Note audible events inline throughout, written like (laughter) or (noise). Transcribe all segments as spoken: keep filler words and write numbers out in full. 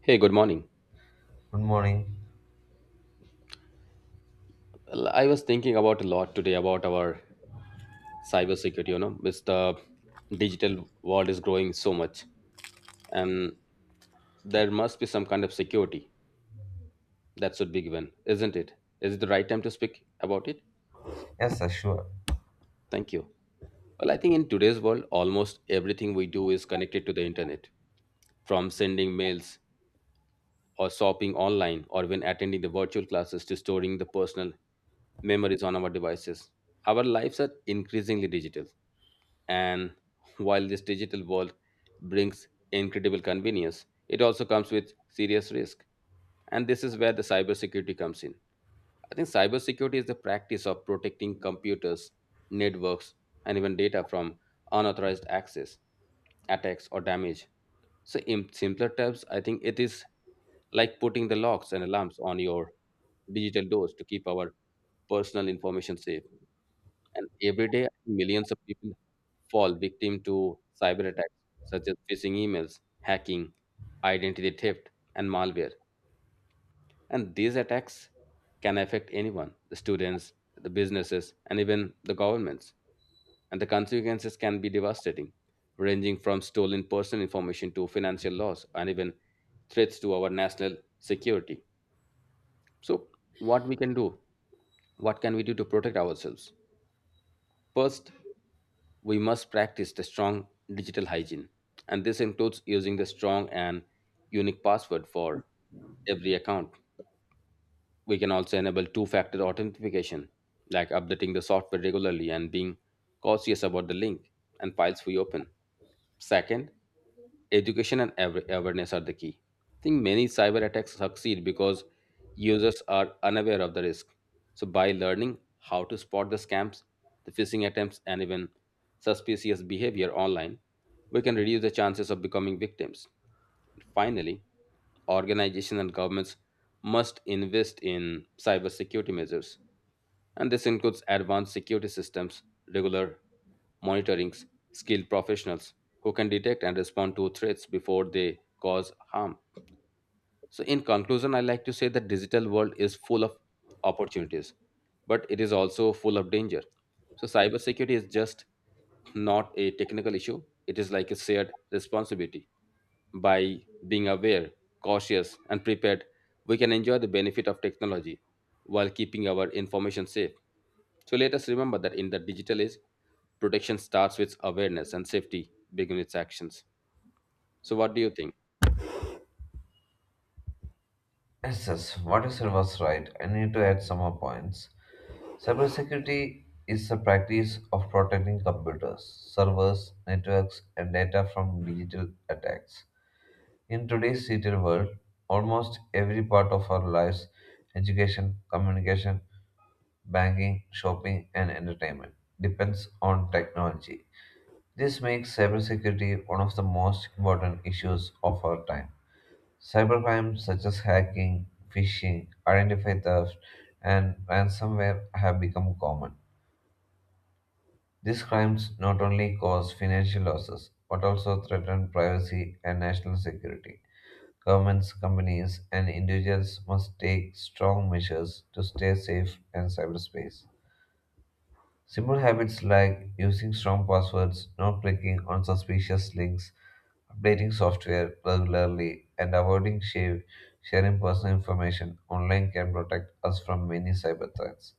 Hey, good morning. Good morning. Well, I was thinking about a lot today about our cybersecurity, you know, with the digital world is growing so much. And there must be some kind of security that should be given, isn't it? Is it the right time to speak about it? Yes, sir, sure. Thank you. Well, I think in today's world, almost everything we do is connected to the internet, from sending mails or shopping online or when attending the virtual classes to storing the personal memories on our devices. Our lives are increasingly digital. And while this digital world brings incredible convenience, it also comes with serious risk. And this is where the cybersecurity comes in. I think cybersecurity is the practice of protecting computers, networks, and even data from unauthorized access, attacks, or damage. So, in simpler terms, I think it is like putting the locks and alarms on your digital doors to keep our personal information safe. And every day, millions of people fall victim to cyber attacks such as phishing emails, hacking, identity theft, and malware. And these attacks can affect anyone, the students, the businesses, and even the governments. And the consequences can be devastating, ranging from stolen personal information to financial loss and even threats to our national security. So, what we can do? What can we do to protect ourselves? First, we must practice the strong digital hygiene. And this includes using the strong and unique password for every account. We can also enable two factor authentication, like updating the software regularly and being cautious about the link and files we open. Second, education and awa- awareness are the key. I think many cyber attacks succeed because users are unaware of the risk. So, by learning how to spot the scams, the phishing attempts, and even suspicious behavior online, we can reduce the chances of becoming victims. Finally, organizations and governments must invest in cybersecurity measures, and this includes advanced security systems, regular monitorings, skilled professionals who can detect and respond to threats before they cause harm. So in conclusion, I like to say that digital world is full of opportunities, but it is also full of danger. So cybersecurity is just not a technical issue, it is like a shared responsibility. By being aware, cautious, and prepared, we can enjoy the benefit of technology while keeping our information safe. So let us remember that in the digital age, protection starts with awareness and safety begins its actions. So what do you think? Yes, yes, what you said was right. I need to add some more points. Cybersecurity is the practice of protecting computers, servers, networks, and data from digital attacks. In today's digital world, almost every part of our lives education, communication, banking, shopping, and entertainment depends on technology. This makes cybersecurity one of the most important issues of our time. Cybercrime such as hacking, phishing, identity theft, and ransomware have become common. These crimes not only cause financial losses but also threaten privacy and national security. Governments, companies, and individuals must take strong measures to stay safe in cyberspace. Simple habits like using strong passwords, not clicking on suspicious links, updating software regularly, and avoiding share, sharing personal information online can protect us from many cyber threats.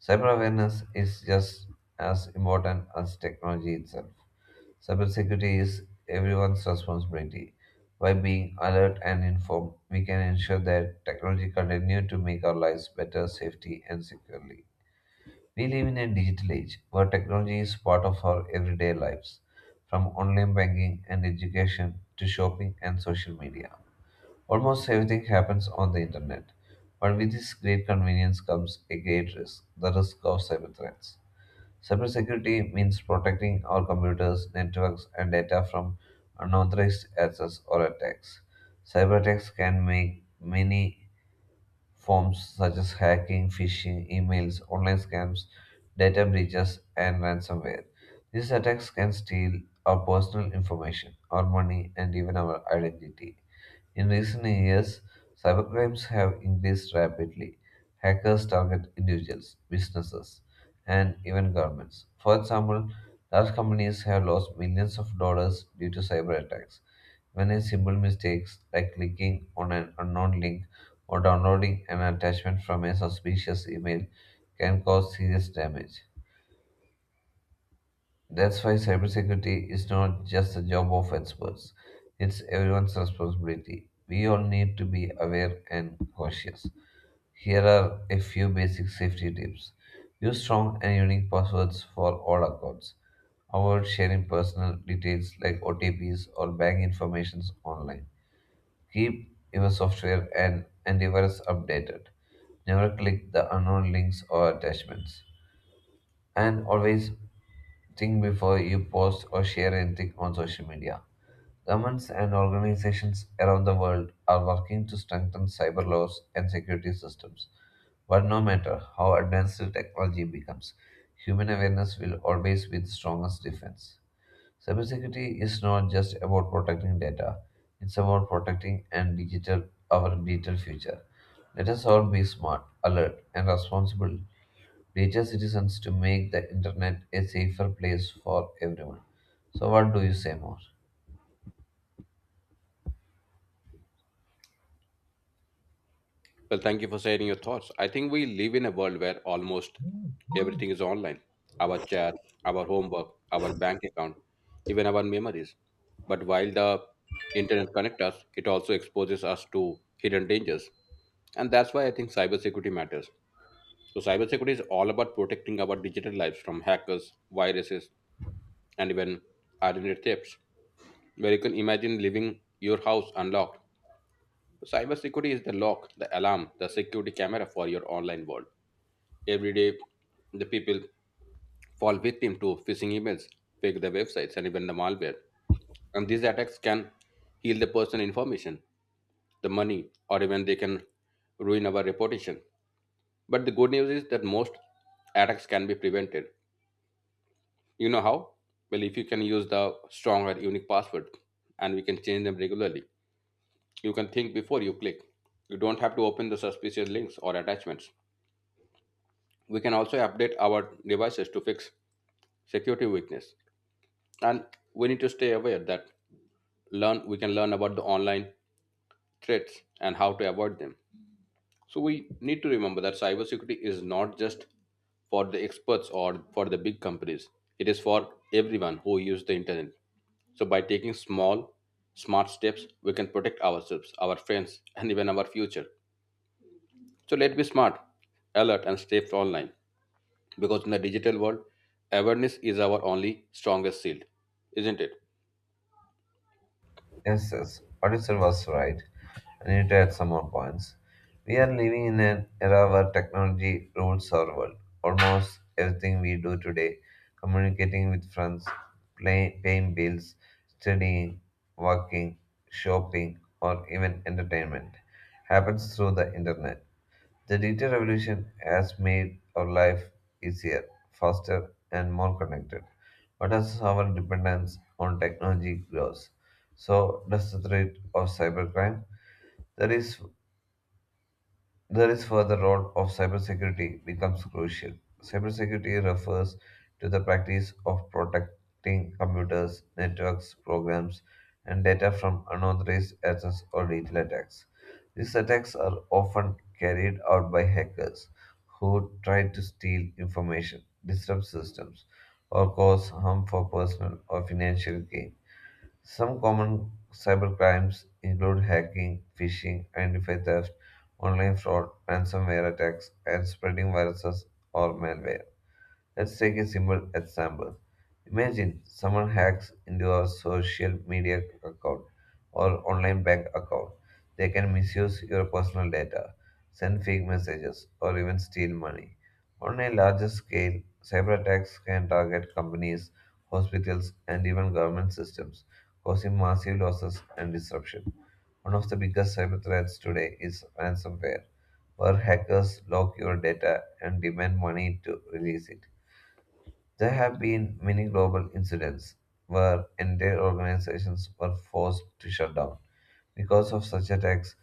Cyber awareness is just as important as technology itself. Cybersecurity is everyone's responsibility. By being alert and informed, we can ensure that technology continues to make our lives better, safety, and securely. We live in a digital age where technology is part of our everyday lives, from online banking and education to shopping and social media. Almost everything happens on the internet, but with this great convenience comes a great risk the risk of cyber threats. Cybersecurity means protecting our computers, networks, and data from unauthorized access or attacks. Cyber attacks can make many forms such as hacking, phishing, emails, online scams, data breaches, and ransomware. These attacks can steal our personal information, our money, and even our identity. In recent years, cybercrimes have increased rapidly. Hackers target individuals, businesses, and even governments. For example, large companies have lost millions of dollars due to cyber attacks. When a simple mistake, like clicking on an unknown link or downloading an attachment from a suspicious email, can cause serious damage. That's why cybersecurity is not just the job of experts, it's everyone's responsibility. We all need to be aware and cautious. Here are a few basic safety tips. Use strong and unique passwords for all accounts. Avoid sharing personal details like O T Ps or bank information online. Keep your software and antivirus updated. Never click the unknown links or attachments. And always think before you post or share anything on social media. Governments and organizations around the world are working to strengthen cyber laws and security systems. But no matter how advanced the technology becomes, human awareness will always be the strongest defense. Cybersecurity is not just about protecting data, it's about protecting and digital our digital future. Let us all be smart, alert, and responsible reaches citizens to make the internet a safer place for everyone. So, what do you say more? Well, thank you for sharing your thoughts. I think we live in a world where almost everything is online. Our chat, our homework, our bank account, even our memories. But while the internet connects us, it also exposes us to hidden dangers. And that's why I think cybersecurity matters. So, cybersecurity is all about protecting our digital lives from hackers, viruses, and even identity thefts, where you can imagine leaving your house unlocked. Cybersecurity is the lock, the alarm, the security camera for your online world. Every day, the people fall victim to phishing emails, fake the websites, and even the malware. And these attacks can heal the personal information, the money, or even they can ruin our reputation. But the good news is that most attacks can be prevented. You know how? Well, if you can use the strong or unique password and we can change them regularly, you can think before you click. You don't have to open the suspicious links or attachments. We can also update our devices to fix security weakness. And we need to stay aware that learn we can learn about the online threats and how to avoid them. So we need to remember that cybersecurity is not just for the experts or for the big companies. It is for everyone who uses the internet. So by taking small, smart steps, we can protect ourselves, our friends, and even our future. So let's be smart, alert, and stay online. Because in the digital world, awareness is our only strongest shield, isn't it? Yes, yes, what you said was right. I need to add some more points. We are living in an era where technology rules our world. Almost everything we do today, communicating with friends, play, paying bills, studying, working, shopping, or even entertainment, happens through the internet. The digital revolution has made our life easier, faster, and more connected. But as our dependence on technology grows, so does the threat of cybercrime. There is there is further role of cybersecurity becomes crucial. Cybersecurity refers to the practice of protecting computers, networks, programs, and data from unauthorized access or digital attacks. These attacks are often carried out by hackers who try to steal information, disrupt systems, or cause harm for personal or financial gain. Some common cybercrimes include hacking, phishing, identity theft, online fraud, ransomware attacks, and spreading viruses or malware. Let's take a simple example. Imagine someone hacks into a social media account or online bank account. They can misuse your personal data, send fake messages, or even steal money. On a larger scale, cyber attacks can target companies, hospitals, and even government systems, causing massive losses and disruption. One of the biggest cyber threats today is ransomware, where hackers lock your data and demand money to release it. There have been many global incidents where entire organizations were forced to shut down. Because of such attacks,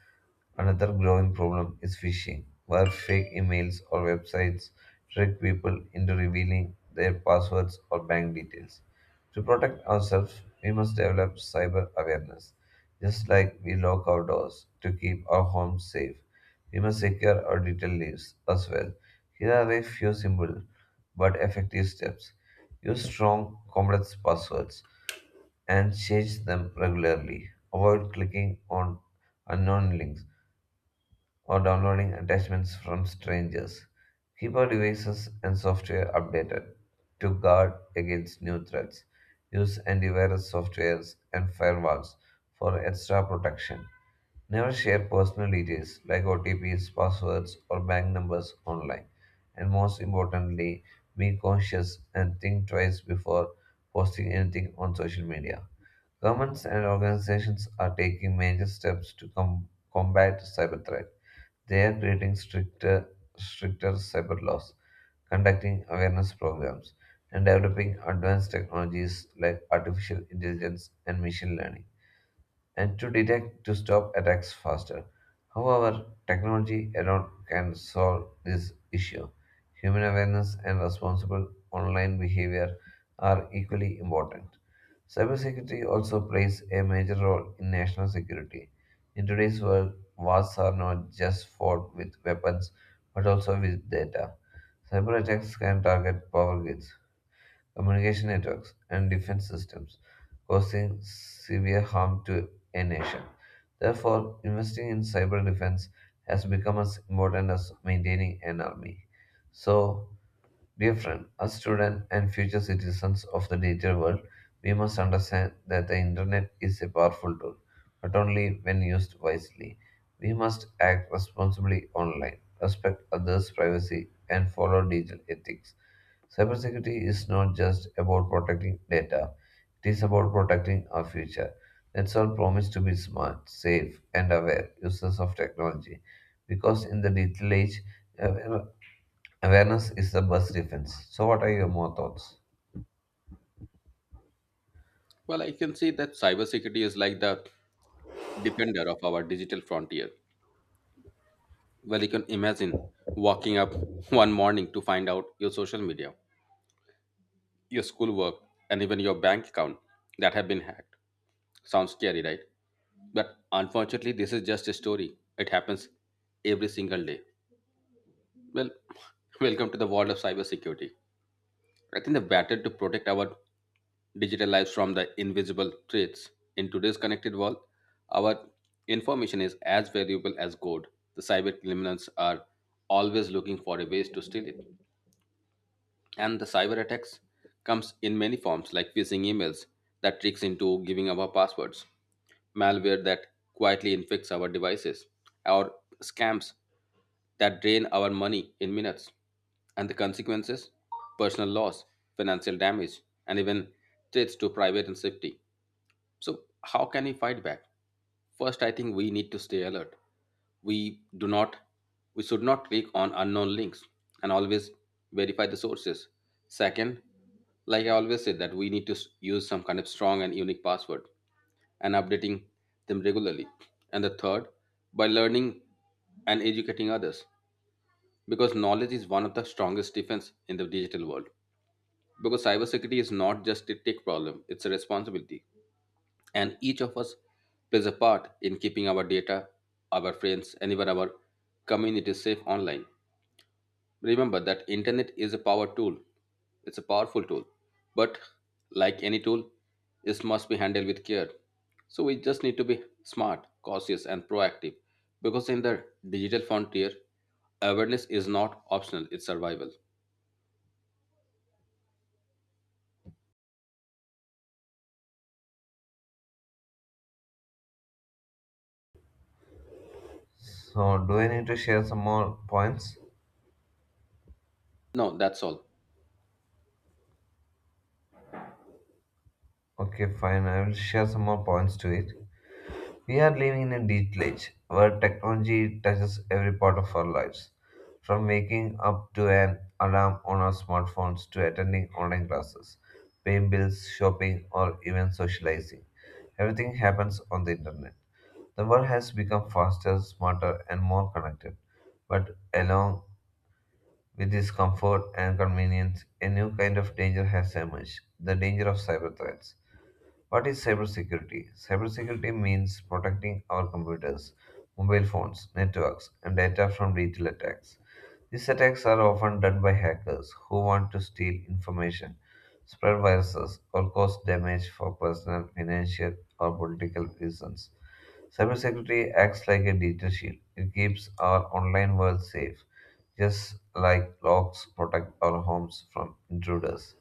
another growing problem is phishing, where fake emails or websites trick people into revealing their passwords or bank details. To protect ourselves, we must develop cyber awareness. Just like we lock our doors to keep our homes safe, we must secure our digital lives as well. Here are a few simple but effective steps. Use strong, complex passwords and change them regularly. Avoid clicking on unknown links or downloading attachments from strangers. Keep our devices and software updated to guard against new threats. Use antivirus softwares and firewalls for extra protection. Never share personal details like O T Ps, passwords, or bank numbers online. And most importantly, be cautious and think twice before posting anything on social media. Governments and organizations are taking major steps to com- combat cyber threat. They are creating stricter, stricter cyber laws, conducting awareness programs, and developing advanced technologies like artificial intelligence and machine learning and to detect to stop attacks faster. However, technology alone can solve this issue. Human awareness and responsible online behavior are equally important. Cybersecurity also plays a major role in national security. In today's world, wars are not just fought with weapons but also with data. Cyber attacks can target power grids, communication networks, and defense systems, causing severe harm to a nation. Therefore, investing in cyber defense has become as important as maintaining an army. So, dear friend, as students and future citizens of the digital world, we must understand that the internet is a powerful tool, but only when used wisely. We must act responsibly online, respect others' privacy, and follow digital ethics. Cybersecurity is not just about protecting data, it is about protecting our future. Let's all promise to be smart, safe, and aware users of technology because in the digital age, aware- awareness is the best defense. So, what are your more thoughts? Well, I can say that cybersecurity is like the defender of our digital frontier. Well, you can imagine waking up one morning to find out your social media, your schoolwork, and even your bank account that have been hacked. Sounds scary, right? But unfortunately, this is just a story. It happens every single day. Well, (laughs) welcome to the world of cybersecurity. I think the battle to protect our digital lives from the invisible threats in today's connected world, our information is as valuable as gold. The cyber criminals are always looking for a ways to steal it. And the cyber attacks comes in many forms like phishing emails that tricks into giving our passwords, malware that quietly infects our devices, or scams that drain our money in minutes, and the consequences: personal loss, financial damage, and even threats to private and safety. So, how can we fight back? First, I think we need to stay alert. We do not, we should not click on unknown links and always verify the sources. Second, like I always said, that we need to s- use some kind of strong and unique password and updating them regularly. And the third, by learning and educating others, because knowledge is one of the strongest defense in the digital world. Because cybersecurity is not just a tech problem; it's a responsibility, and each of us plays a part in keeping our data, our friends, and even our community safe online. Remember that internet is a power tool. It's a powerful tool, but like any tool, it must be handled with care. So we just need to be smart, cautious, and proactive because in the digital frontier, awareness is not optional; it's survival. So, do I need to share some more points? No, that's all. Okay, fine, I will share some more points to it. We are living in a digital age where technology touches every part of our lives, from waking up to an alarm on our smartphones to attending online classes, paying bills, shopping, or even socializing. Everything happens on the internet. The world has become faster, smarter, and more connected. But along with this comfort and convenience, a new kind of danger has emerged the danger of cyber threats. What is cybersecurity? Cybersecurity means protecting our computers, mobile phones, networks, and data from digital attacks. These attacks are often done by hackers who want to steal information, spread viruses, or cause damage for personal, financial, or political reasons. Cybersecurity acts like a digital shield. It keeps our online world safe, just like locks protect our homes from intruders.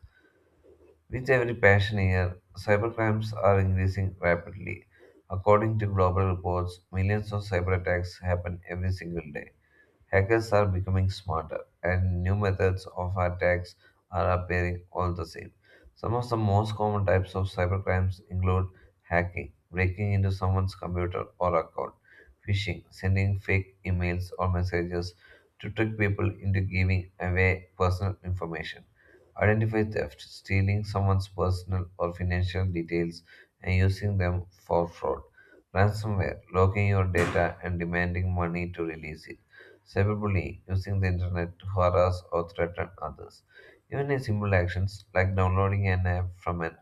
With every passing year, cybercrimes are increasing rapidly. According to global reports, millions of cyber attacks happen every single day. Hackers are becoming smarter, and new methods of attacks are appearing all the same. Some of the most common types of cybercrimes include hacking, breaking into someone's computer or account, phishing, sending fake emails or messages to trick people into giving away personal information, identify theft, stealing someone's personal or financial details and using them for fraud ransomware, locking your data and demanding money to release it cyberbullying, using the internet to harass or threaten others. Even in simple actions like downloading an app from an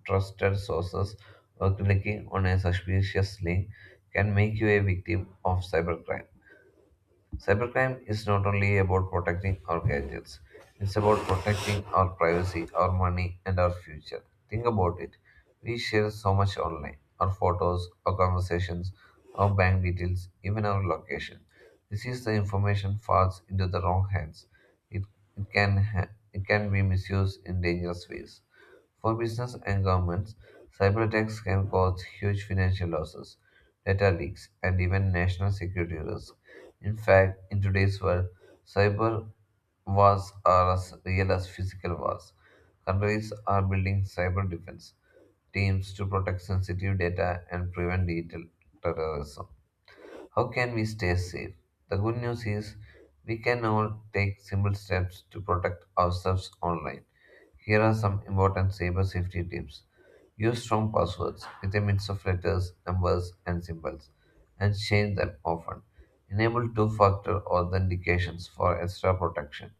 untrusted sources or clicking on a suspicious link can make you a victim of cybercrime. Cybercrime is not only about protecting our gadgets, it's about protecting our privacy, our money, and our future. Think about it. We share so much online our photos, our conversations, our bank details, even our location. This is the information falls into the wrong hands. It, it, can, ha- it can be misused in dangerous ways. For business and governments, cyber attacks can cause huge financial losses, data leaks, and even national security risks. In fact, in today's world, cyber wars are as real as physical wars. Countries are building cyber defense teams to protect sensitive data and prevent digital terrorism. How can we stay safe? The good news is we can now take simple steps to protect ourselves online. Here are some important cyber safety tips. Use strong passwords with a mix of letters, numbers, and symbols, and change them often. Enable two factor authentications for extra protection.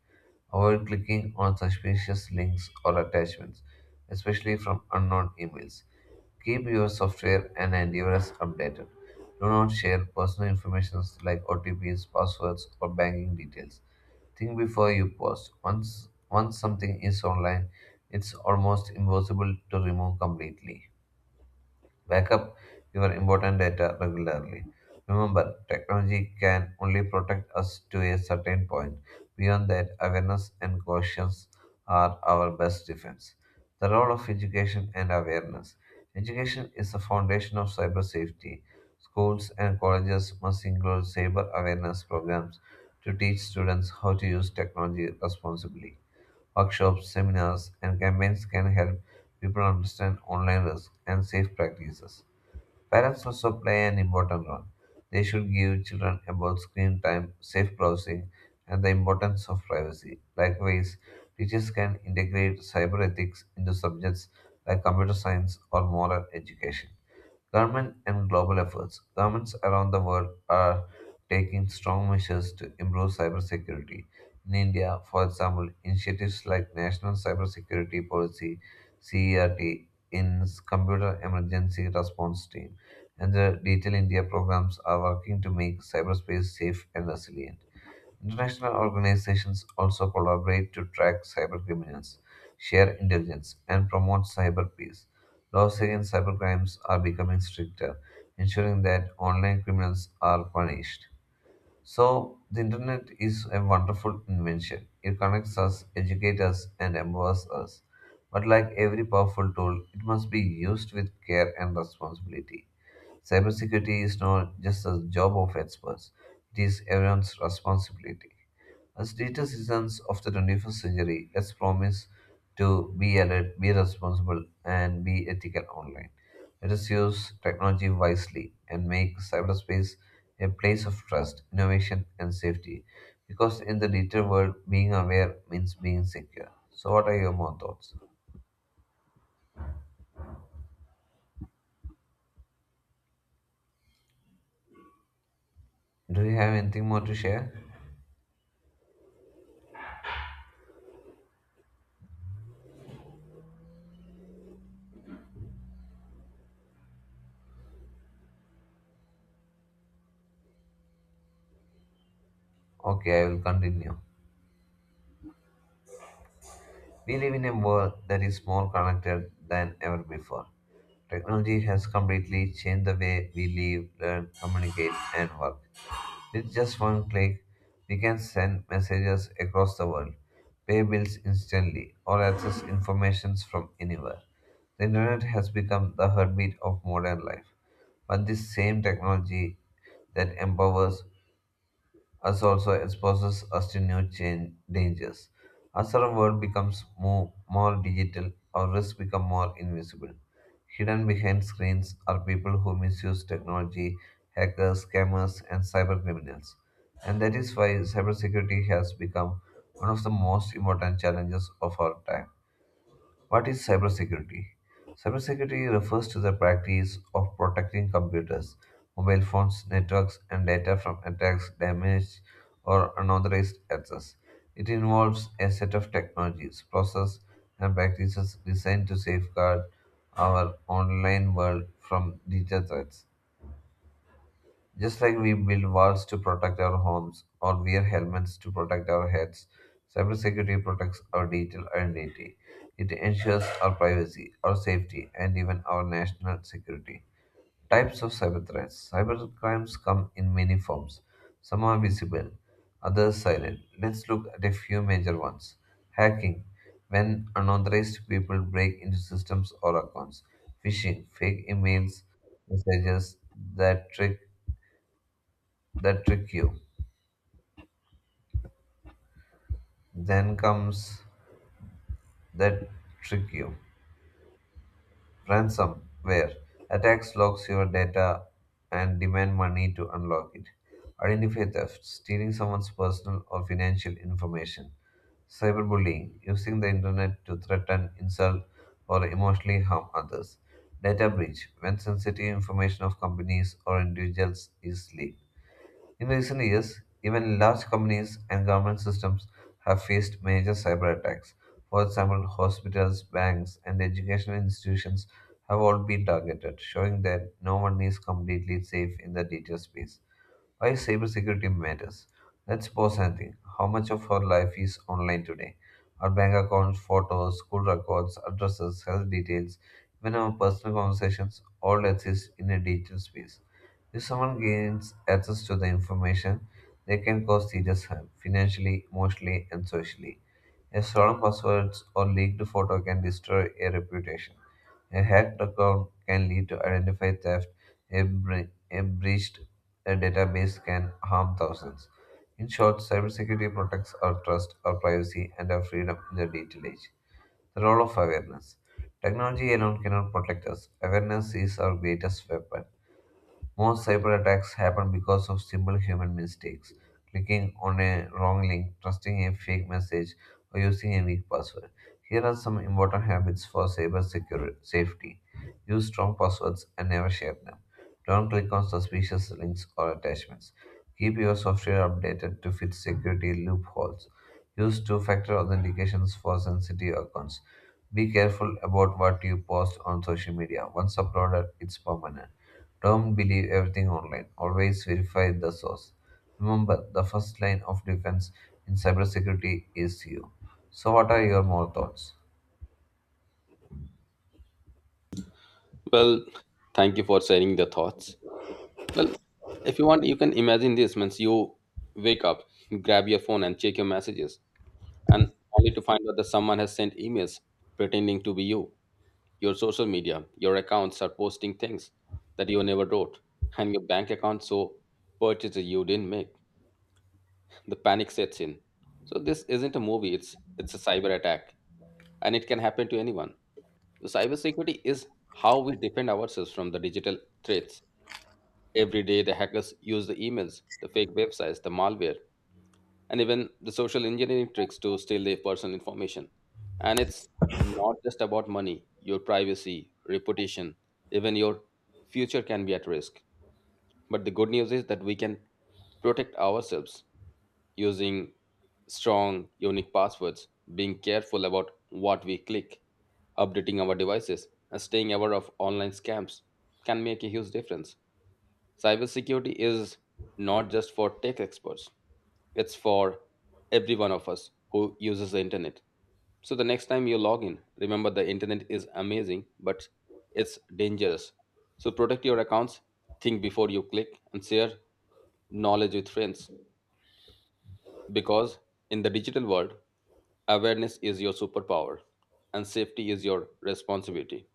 Avoid clicking on suspicious links or attachments, especially from unknown emails. Keep your software and antivirus updated. Do not share personal information like O T Ps, passwords, or banking details. Think before you post. Once once something is online, it's almost impossible to remove completely. Backup your important data regularly. Remember, technology can only protect us to a certain point. Beyond that, awareness and caution are our best defense. The role of education and awareness. Education is the foundation of cyber safety. Schools and colleges must include cyber awareness programs to teach students how to use technology responsibly. Workshops, seminars, and campaigns can help people understand online risks and safe practices. Parents also play an important role. They should give children about screen time, safe browsing, and the importance of privacy. Likewise, teachers can integrate cyber ethics into subjects like computer science or moral education. Government and global efforts. Governments around the world are taking strong measures to improve cybersecurity. In India, for example, initiatives like National Cybersecurity Policy (CERT) in Computer Emergency Response Team and the Digital India programs are working to make cyberspace safe and resilient. International organizations also collaborate to track cybercriminals, share intelligence, and promote cyber peace. Laws against cybercrimes are becoming stricter, ensuring that online criminals are punished. So, the internet is a wonderful invention. It connects us, educates us, and empowers us. But, like every powerful tool, it must be used with care and responsibility. Cybersecurity is not just a job of experts, it is everyone's responsibility. As digital citizens of the twenty-first century, let's promise to be alert, be responsible, and be ethical online. Let us use technology wisely and make cyberspace a place of trust, innovation, and safety. Because in the digital world, being aware means being secure. So, what are your more thoughts? Do you have anything more to share? Okay, I will continue. We live in a world that is more connected than ever before. Technology has completely changed the way we live, learn, communicate, and work. With just one click, we can send messages across the world, pay bills instantly, or access information from anywhere. The internet has become the heartbeat of modern life, but this same technology that empowers us also exposes us to new chain dangers. As our world becomes more, more digital, our risks become more invisible. Hidden behind screens are people who misuse technology, hackers, scammers, and cyber criminals. And that is why cybersecurity has become one of the most important challenges of our time. What is cybersecurity? Cybersecurity refers to the practice of protecting computers, mobile phones, networks, and data from attacks, damage, or unauthorized access. It involves a set of technologies, processes, and practices designed to safeguard our online world from digital threats. Just like we build walls to protect our homes or wear helmets to protect our heads, cybersecurity protects our digital identity. It ensures our privacy, our safety, and even our national security. Types of cyber threats. Cyber crimes come in many forms. Some are visible, others silent. Let's look at a few major ones. Hacking. When unauthorized people break into systems or accounts. Phishing. Fake emails, messages that trick that trick you. Then comes that trick you. Ransomware attacks locks your data and demand money to unlock it. Identify theft, stealing someone's personal or financial information. Cyberbullying, using the internet to threaten, insult, or emotionally harm others. Data breach, when sensitive information of companies or individuals is leaked. In recent years, even large companies and government systems have faced major cyber attacks. For example, hospitals, banks, and educational institutions have all been targeted, showing that no one is completely safe in the digital space. Why cybersecurity matters? Let's pause and think. How much of our life is online today? Our bank accounts, photos, school records, addresses, health details, even our personal conversations all exist in a digital space. If someone gains access to the information, they can cause serious harm financially, emotionally, and socially. A stolen password or leaked photo can destroy a reputation. A hacked account can lead to identity theft. A, bre- a breached uh, database can harm thousands. In short, cybersecurity protects our trust, our privacy, and our freedom in the digital age. The role of awareness. Technology alone cannot protect us. Awareness is our greatest weapon. Most cyber attacks happen because of simple human mistakes clicking on a wrong link, trusting a fake message, or using a weak password. Here are some important habits for cyber security safety. Use strong passwords and never share them. Don't click on suspicious links or attachments. Keep your software updated to fit security loopholes. Use two factor authentications for sensitive accounts. Be careful about what you post on social media. Once uploaded, it's permanent. Don't believe everything online. Always verify the source. Remember, the first line of defense in cybersecurity is you. So, what are your more thoughts? Well, thank you for sharing the thoughts. Well, if you want, you can imagine this means you wake up, grab your phone, and check your messages, and only to find out that someone has sent emails pretending to be you. Your social media, your accounts are posting things that you never wrote, and your bank account so purchases you didn't make. The panic sets in. So this isn't a movie; it's it's a cyber attack, and it can happen to anyone. So cybersecurity is how we defend ourselves from the digital threats. Every day, the hackers use the emails, the fake websites, the malware, and even the social engineering tricks to steal their personal information. And it's not just about money, your privacy, reputation, even your future can be at risk. But the good news is that we can protect ourselves using strong, unique passwords, being careful about what we click, updating our devices, and staying aware of online scams can make a huge difference. Cybersecurity is not just for tech experts, it's for every one of us who uses the internet. So the next time you log in, remember the internet is amazing, but it's dangerous. So protect your accounts, think before you click, and share knowledge with friends. Because in the digital world, awareness is your superpower and safety is your responsibility.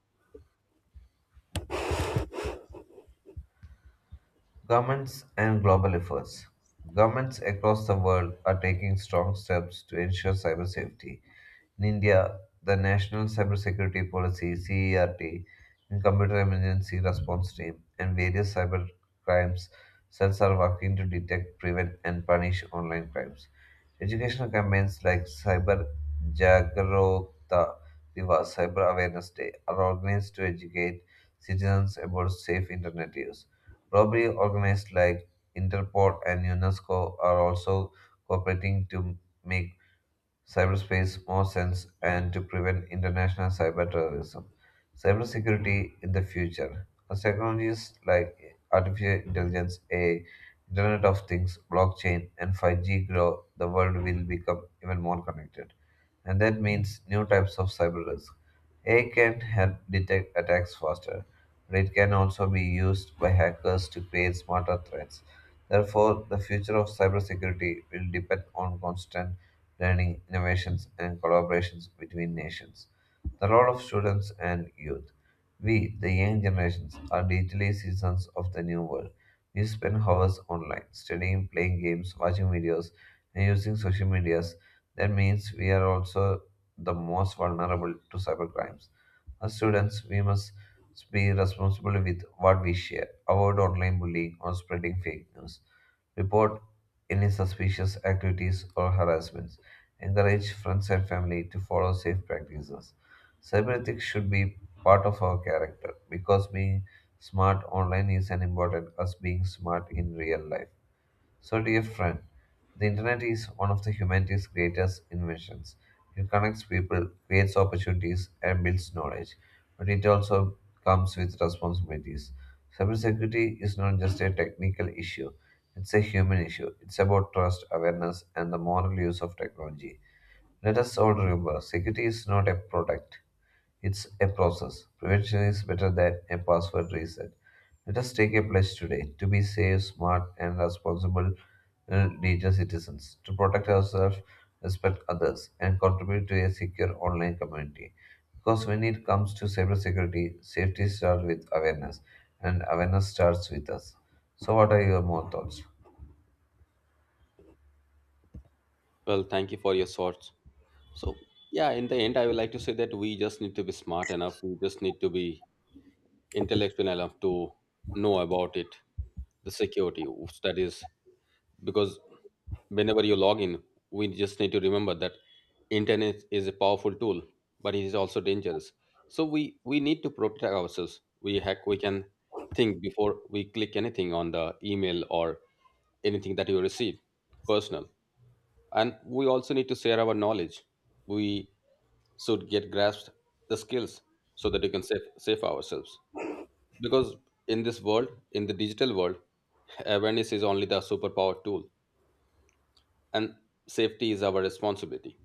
Governments and global efforts. Governments across the world are taking strong steps to ensure cyber safety. In India, the National Cybersecurity Policy (CERT) and Computer Emergency Response Team and various cyber crimes cells are working to detect, prevent, and punish online crimes. Educational campaigns like Cyber Jagrokta Divas, Cyber Awareness Day, are organized to educate citizens about safe internet use. Robbery organized like Interpol and UNESCO are also cooperating to make cyberspace more sense and to prevent international cyber terrorism. Cybersecurity in the future. As technologies like artificial intelligence, A I, Internet of Things, blockchain, and five G grow, the world will become even more connected. And that means new types of cyber risk. A I can help detect attacks faster, but it can also be used by hackers to create smarter threats. Therefore, the future of cybersecurity will depend on constant learning, innovations, and collaborations between nations. The role of students and youth. We, the young generations, are digitally citizens of the new world. We spend hours online, studying, playing games, watching videos, and using social medias. That means we are also the most vulnerable to cybercrimes. As students, we must be responsible with what we share, avoid online bullying or spreading fake news, report any suspicious activities or harassments, encourage friends and family to follow safe practices. Cyberethics should be part of our character because being smart online is as important as being smart in real life. So, dear friend, the internet is one of the humanity's greatest inventions. It connects people, creates opportunities, and builds knowledge, but it also comes with responsibilities. Cybersecurity is not just a technical issue, it's a human issue. It's about trust, awareness, and the moral use of technology. Let us all remember security is not a product, it's a process. Prevention is better than a password reset. Let us take a pledge today to be safe, smart, and responsible uh, digital citizens, to protect ourselves, respect others, and contribute to a secure online community. Because when it comes to cybersecurity, safety starts with awareness, and awareness starts with us. So, what are your more thoughts? Well, thank you for your thoughts. So, yeah, in the end, I would like to say that we just need to be smart enough. We just need to be intellectual enough to know about it, the security that is, because whenever you log in, we just need to remember that internet is a powerful tool, but it is also dangerous. So we we need to protect ourselves. We hack we can think before we click anything on the email or anything that you receive personal, and we also need to share our knowledge. We should get grasped the skills so that we can save, save ourselves, because in this world, in the digital world, awareness is only the superpower tool, and safety is our responsibility.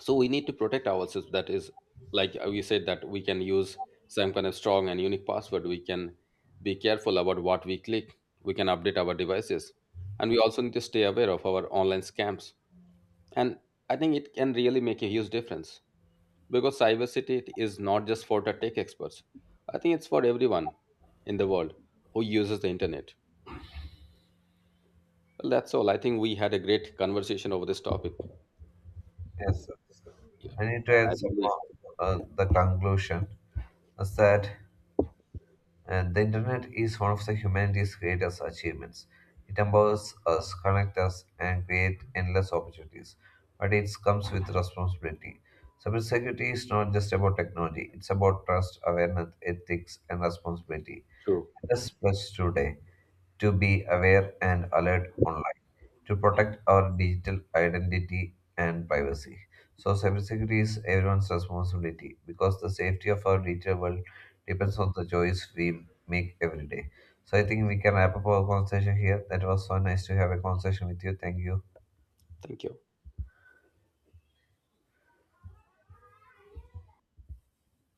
So we need to protect ourselves. That is, like we said, that we can use some kind of strong and unique password. We can be careful about what we click. We can update our devices, and we also need to stay aware of our online scams. And I think it can really make a huge difference, because cybersecurity is not just for the tech experts. I think it's for everyone in the world who uses the internet. Well, that's all. I think we had a great conversation over this topic. And Yes, sir. I need to I add some really. more, uh, the conclusion is that and the internet is one of the humanity's greatest achievements. It empowers us, connects us, and creates endless opportunities. But it comes with responsibility. Cybersecurity is not just about technology, it's about trust, awareness, ethics, and responsibility. True. Let us pledge today to be aware and alert online, to protect our digital identity and privacy. So, cybersecurity is everyone's responsibility because the safety of our digital world depends on the choice we make every day. So I think we can wrap up our conversation here. That was so nice to have a conversation with you. Thank you. Thank you.